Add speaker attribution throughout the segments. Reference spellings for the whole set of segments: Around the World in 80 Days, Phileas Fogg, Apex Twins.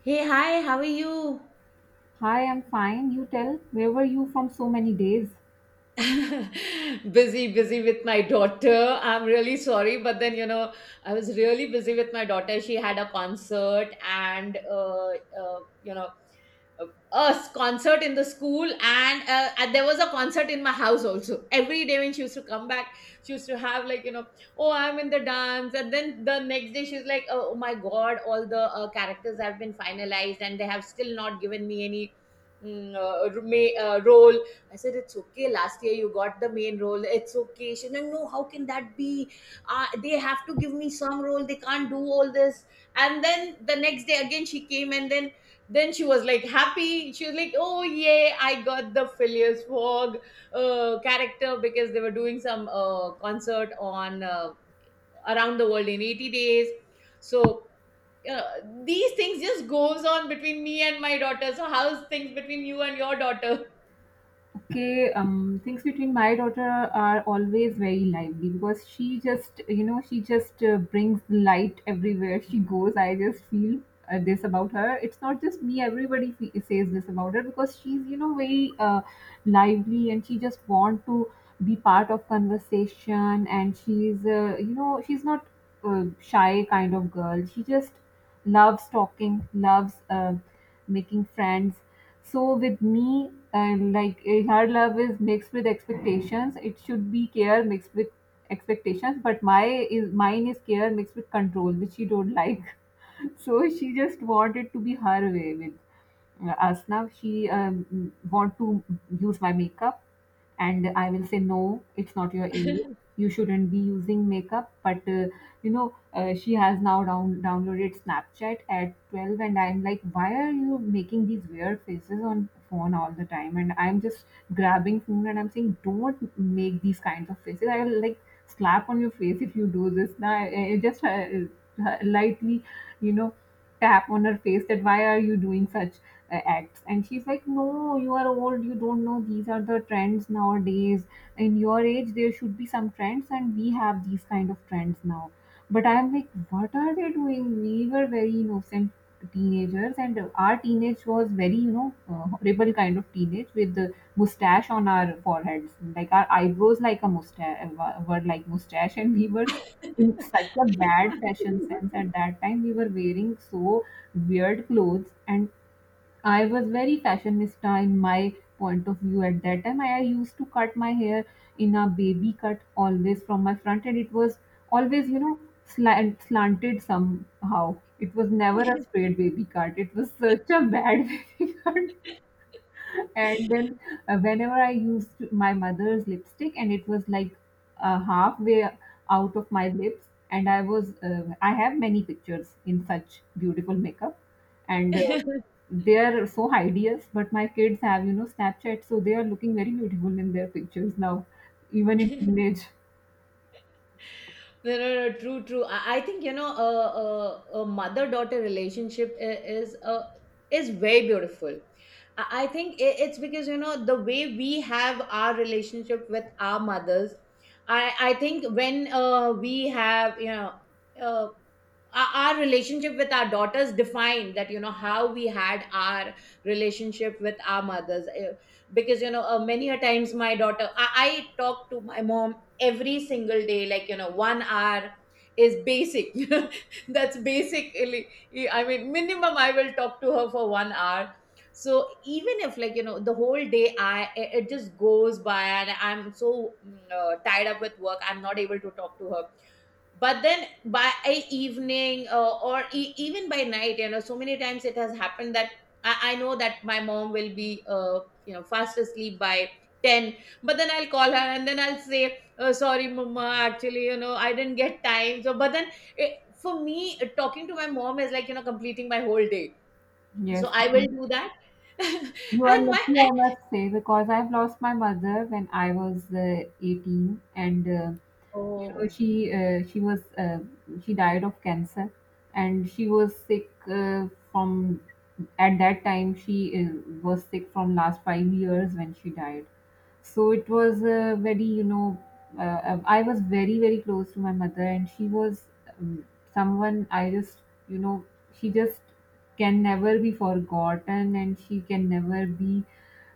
Speaker 1: Hey, hi, how are you?
Speaker 2: Hi, I'm fine. You tell, where were you from so many days?
Speaker 1: Busy, busy with my daughter. I'm really sorry, but then, I was really busy with my daughter. She had a concert, and uh, you know, a concert in the school. And and there was a concert in my house also every day when she used to come back. She used to have, like, you know, oh, I'm in the dance. And then the next day she's like, oh, my god, all the characters have been finalized and they have still not given me any role. I said, it's okay, last year you got the main role, it's okay. She's like, no, no, how can that be? They have to give me some role, they can't do all this. And then the next day again she came. And then she was like happy, she was like, oh yay, I got the Phileas Fogg character, because they were doing some concert on, around the world in 80 days. So uh, these things just goes on between me and my daughter. So how's things between you and your daughter?
Speaker 2: Okay, things between my daughter are always very lively because she just brings light everywhere she goes, I just feel. This about her, it's not just me, everybody says this about her because she's you know very lively and she just want to be part of conversation, and she's you know she's not shy kind of girl, she just loves talking, loves making friends. So with me and like her love is mixed with expectations, it should be care mixed with expectations, but my is mine is care mixed with control, which she don't like. So she just wanted to be her way with us. Now she want to use my makeup, and I will say no, it's not your age, you shouldn't be using makeup. But she has now downloaded Snapchat at 12, and I'm like, why are you making these weird faces on phone all the time? And I'm just grabbing phone and I'm saying, don't make these kinds of faces, I will like slap on your face if you do this. Now I just lightly, you know, tap on her face that why are you doing such acts? And she's like, no, you are old, you don't know. These are the trends nowadays. In your age, there should be some trends, and we have these kind of trends now. But I'm like, what are they doing? We were very innocent teenagers, and our teenage was very, you know, horrible kind of teenage with the mustache on our foreheads, like our eyebrows like a mustache, were like mustache, and we were in such a bad fashion sense. At that time we were wearing so weird clothes, and I was very fashionista in my point of view. At that time I used to cut my hair in a baby cut always from my front, and it was always you know slanted somehow, it was never a straight baby cut, it was such a bad baby cut. And then whenever I used my mother's lipstick, and it was like halfway out of my lips, and I was, I have many pictures in such beautiful makeup, and they are so hideous. But my kids have, you know, Snapchat, so they are looking very beautiful in their pictures now, even in teenage.
Speaker 1: No, no, no, true, true. I think, you know, a mother-daughter relationship is very beautiful. I think it's because, you know, the way we have our relationship with our mothers. I think when we have, uh, our our relationship with our daughters defined that, you know, how we had our relationship with our mothers. Because, you know, many a times, my daughter, I talk to my mom every single day, like, you know, 1 hour is basic. That's basically. I mean, minimum I will talk to her for 1 hour. So even if, like, you know, the whole day, I it it just goes by and I'm so tied up with work, I'm not able to talk to her. But then by evening, or even by night, you know, so many times it has happened that I know that my mom will be fast asleep by 10. But then I'll call her, and then I'll say, oh, sorry, mama, actually, you know, I didn't get time. So but then, for me, talking to my mom is like, you know, completing my whole day. So
Speaker 2: Yes,
Speaker 1: I will
Speaker 2: you
Speaker 1: do that.
Speaker 2: are
Speaker 1: and my
Speaker 2: lucky, I must say, because I've lost my mother when I was 18, and you know
Speaker 1: Oh,
Speaker 2: she was she died of cancer, and she was sick from, at that time she uh, was sick from last 5 years when she died. So it was very you know, I was very very close to my mother, and she was um, someone I just you know, she just can never be forgotten, and she can never be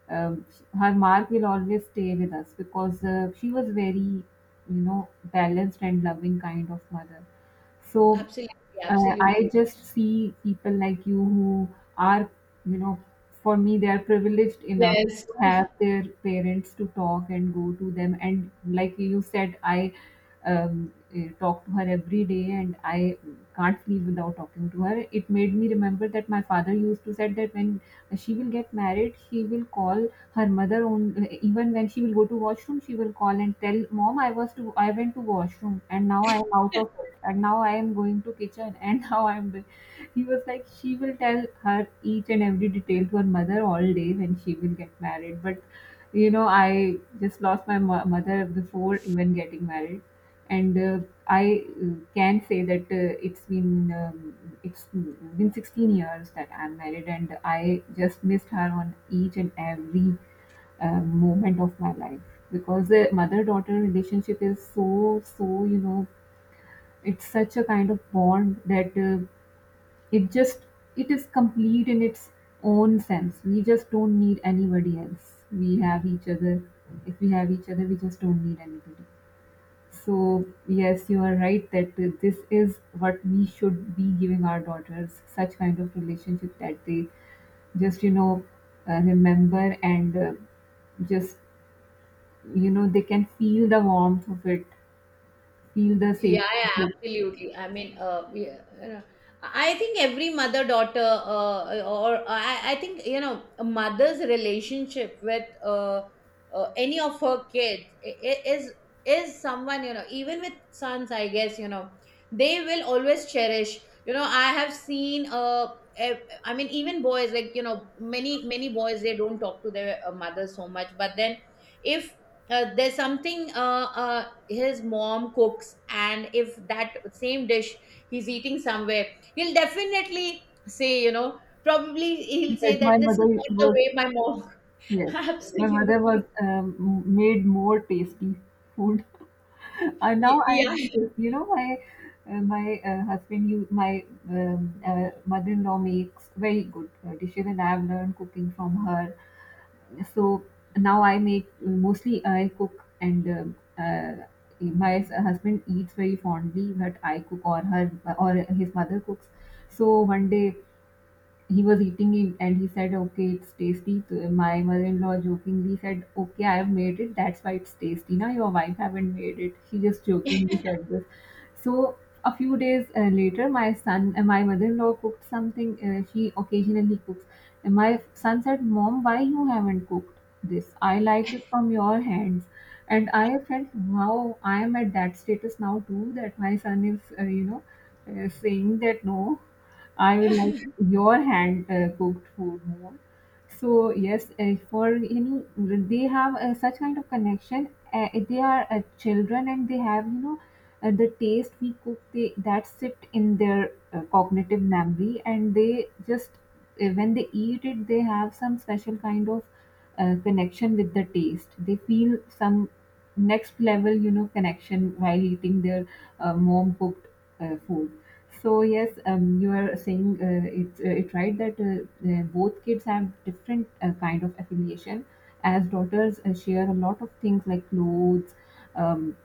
Speaker 2: um, her mark will always stay with us because she was very you know, balanced and loving kind of mother. So
Speaker 1: absolutely, absolutely,
Speaker 2: I just see people like you who are, you know, for me, they are privileged enough
Speaker 1: yes.
Speaker 2: to have their parents to talk and go to them. And like you said, I talk to her every day, and I can't leave without talking to her. It made me remember that my father used to said that when she will get married, he will call her mother own, even when she will go to washroom she will call and tell mom, I was to I went to washroom and now I am out of it and now I am going to kitchen and now I am the-" he was like, she will tell her each and every detail to her mother all day when she will get married. But you know I just lost my mother before even getting married, and I can say that it's been 16 years that I'm married, and I just missed her on each and every moment of my life, because the mother daughter relationship is so so you know, it's such a kind of bond that it just it is complete in its own sense. We just don't need anybody else, we have each other. If we have each other, we just don't need anybody. So yes, you are right that this is what we should be giving our daughters, such kind of relationship that they just you know remember, and just you know they can feel the warmth of it, feel the safety
Speaker 1: Yeah,
Speaker 2: of
Speaker 1: yeah,
Speaker 2: it.
Speaker 1: absolutely. I mean, yeah, I think every mother daughter, or I think, you know, a mother's relationship with any of her kids is someone, you know, even with sons, I guess, you know, they will always cherish. You know, I have seen, I mean, even boys, like, you know, many, many boys, they don't talk to their mothers so much, but then if there's something, his mom cooks, and if that same dish he's eating somewhere, he'll definitely say, you know, probably
Speaker 2: In
Speaker 1: he'll say
Speaker 2: fact, my
Speaker 1: that this
Speaker 2: mother
Speaker 1: is not the
Speaker 2: was,
Speaker 1: way my mom.
Speaker 2: yes, my mother
Speaker 1: Absolutely.
Speaker 2: was made more tasty food, and
Speaker 1: Y-
Speaker 2: now I
Speaker 1: yeah
Speaker 2: feel this, you know, my husband you my mother-in-law makes very good dishes, and I have learned cooking from her. So now I make, mostly I cook, and my husband eats very fondly, but I cook or her or his mother cooks. So one day he was eating it, and he said okay, it's tasty. So my mother-in-law jokingly said, okay, I have made it, that's why it's tasty, now your wife haven't made it. She just jokingly said this. So a few days later, my son, my mother-in-law cooked something, she occasionally cooks, and my son said, mom, why you haven't cooked this, I like it from your hands. And I felt wow, I am at that status now too, that my son is you know saying that no, I will like your hand cooked food more. So yes, for you know they have such kind of connection. They are children, and they have you know the taste we cook, they that sit in their cognitive memory, and they just when they eat it, they have some special kind of connection with the taste. They feel some next level, you know, connection while eating their mom cooked food. So yes, you are saying it's right that both kids have different kind of affiliation. As daughters share a lot of things like clothes, um,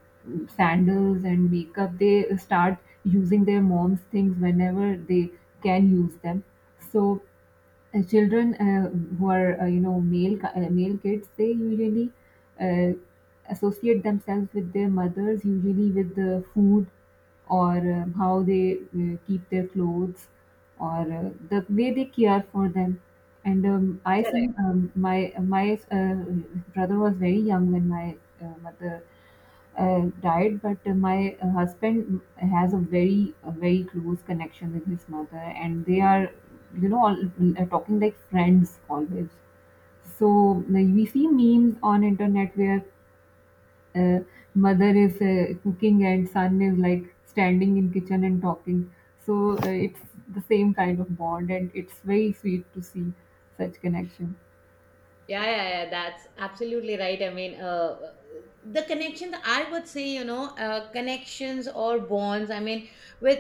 Speaker 2: sandals, and makeup. They start using their mom's things whenever they can use them. So children who are you know male kids, they usually uh, associate themselves with their mothers usually with the food, or how they keep their clothes, or the way they care for them. And I see my brother was very young when my mother died, but my husband has a very close connection with his mother, and they are, you know, all, talking like friends always. So like, we see memes on internet where uh, mother is cooking and son is like standing in kitchen and talking. So it's the same kind of bond, and it's very sweet to see such connection.
Speaker 1: Yeah, yeah, yeah, that's absolutely right. I mean, the connections, I would say, you know, connections or bonds. I mean, with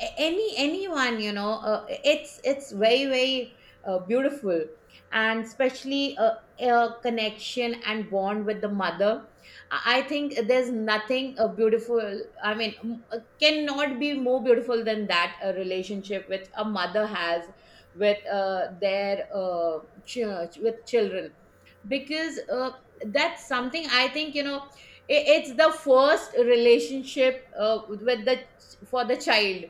Speaker 1: anyone, you know, it's very, very beautiful, and especially a connection and bond with the mother. I think there's nothing beautiful. I mean, cannot be more beautiful than that, a relationship which a mother has with uh, their uh, ch- with children, because that's something, I think, you know, it's the first relationship with the for the child.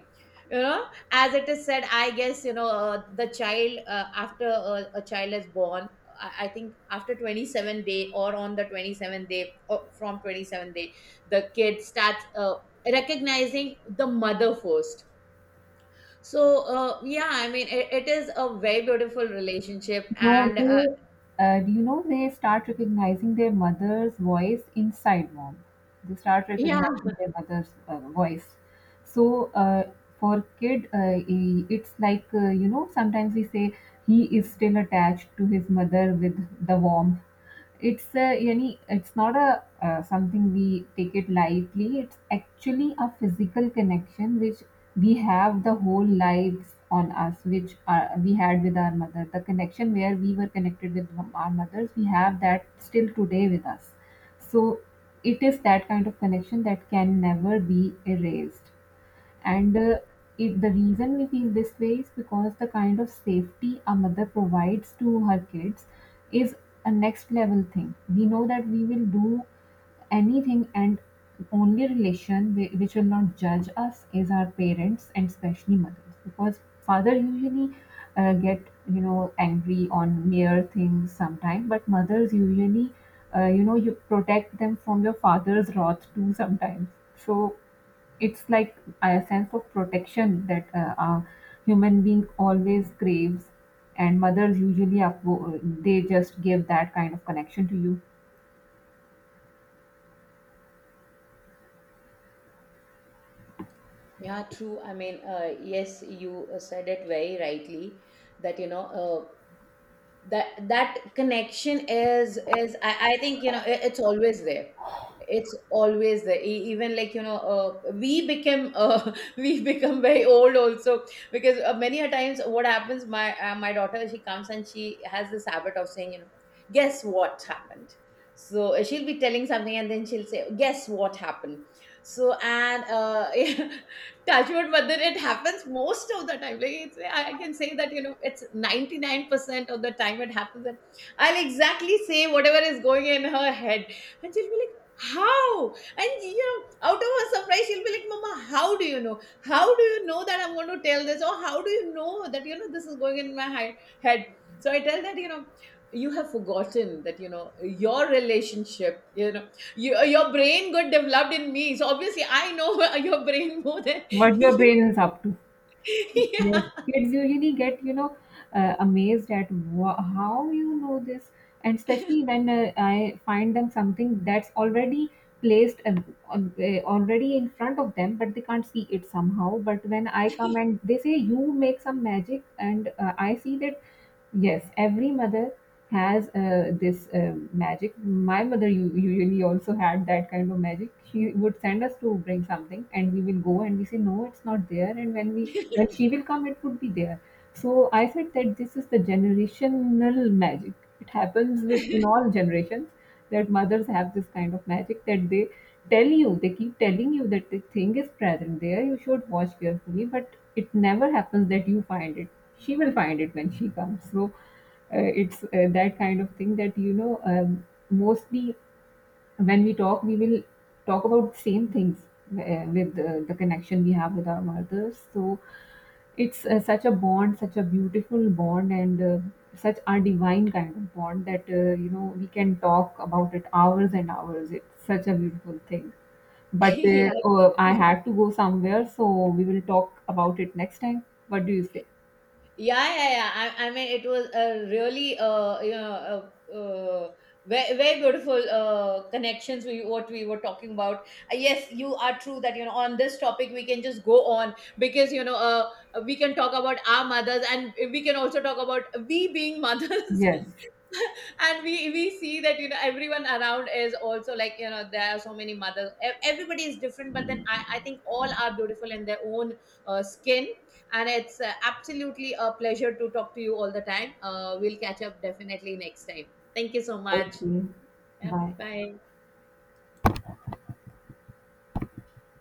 Speaker 1: You know, as it is said, I guess, you know, the child, after a child is born, I think after 27th day, or on the 27th day, or from 27th day, the kid starts recognizing the mother first. So, yeah, I mean, it is a very beautiful relationship.
Speaker 2: No,
Speaker 1: And
Speaker 2: they, do you know they start recognizing their mother's voice inside mom? They start
Speaker 1: yeah,
Speaker 2: recognizing their mother's voice. So for kid, it's like you know sometimes we say he is still attached to his mother with the warmth. It's a any, it's not a something we take it lightly, it's actually a physical connection which we have the whole lives on us, which we had with our mother. The connection where we were connected with our mothers, we have that still today with us. So it is that kind of connection that can never be erased. And the reason we feel this way is because the kind of safety a mother provides to her kids is a next level thing. We know that we will do anything, and only relation which will not judge us is our parents, and especially mothers, because father usually get you know angry on mere things sometimes, but mothers usually you know you protect them from your father's wrath too sometimes. So it's like a sense of protection that a human being always craves, and mothers usually up, they just give that kind of connection to you.
Speaker 1: yeah, true. I mean, yes, you said it very rightly, that, you know, uh, that that connection is, I think, you know, it's always there. It's always there. Even, like, you know, we became, we become very old also. Because many a times what happens, my daughter, she comes, and she has this habit of saying, you know, guess what happened. So she'll be telling something, and then she'll say, guess what happened. So and touchwood, but then it happens most of the time. Like, I can say that, you know, it's 99% of the time it happens. And I'll exactly say whatever is going in her head. And she'll be like, how? And, you know, out of her surprise, she'll be like, mama, how do you know? How do you know that I'm going to tell this, or how do you know that, you know, this is going in my head? So I tell that, you know, you have forgotten that, you know, your relationship, you know, your brain got developed in me, so obviously I know your brain more than
Speaker 2: What your
Speaker 1: you.
Speaker 2: brain is up to. Yes,
Speaker 1: Yeah.
Speaker 2: kids usually get, you know, amazed at wha how you know this, and especially when I find them something that's already placed already in front of them, but they can't see it somehow. But when I come and they say, "You make some magic," and I see that, yes, every mother has this magic. My mother usually also had that kind of magic. She would send us to bring something, and we will go and we say no, it's not there. And when she will come, it would be there. So I said that this is the generational magic. It happens with in all generations, that mothers have this kind of magic that they tell you, they keep telling you that the thing is present there, you should watch carefully, but it never happens that you find it, she will find it when she comes. So it's that kind of thing that you know mostly when we talk we will talk about same things with the connection we have with our mothers. So it's such a bond, such a beautiful bond, and such a divine kind of bond that you know we can talk about it hours and hours, it's such a beautiful thing. But
Speaker 1: Yeah,
Speaker 2: oh, I
Speaker 1: yeah,
Speaker 2: had to go somewhere, so we will talk about it next time, what do you say?
Speaker 1: yeah, yeah. I mean, it was a really, very, very beautiful connections, we what we were talking about. Yes, you are true that, you know, on this topic we can just go on, because, you know, we can talk about our mothers, and we can also talk about we being mothers.
Speaker 2: Yes.
Speaker 1: And we see that, you know, everyone around is also like, you know, there are so many mothers. Everybody is different, but then I think all are beautiful in their own skin. And it's absolutely a pleasure to talk to you all the time. We'll catch up definitely next time. Thank you so much.
Speaker 2: Okay,
Speaker 1: Yeah,
Speaker 2: bye.
Speaker 1: bye.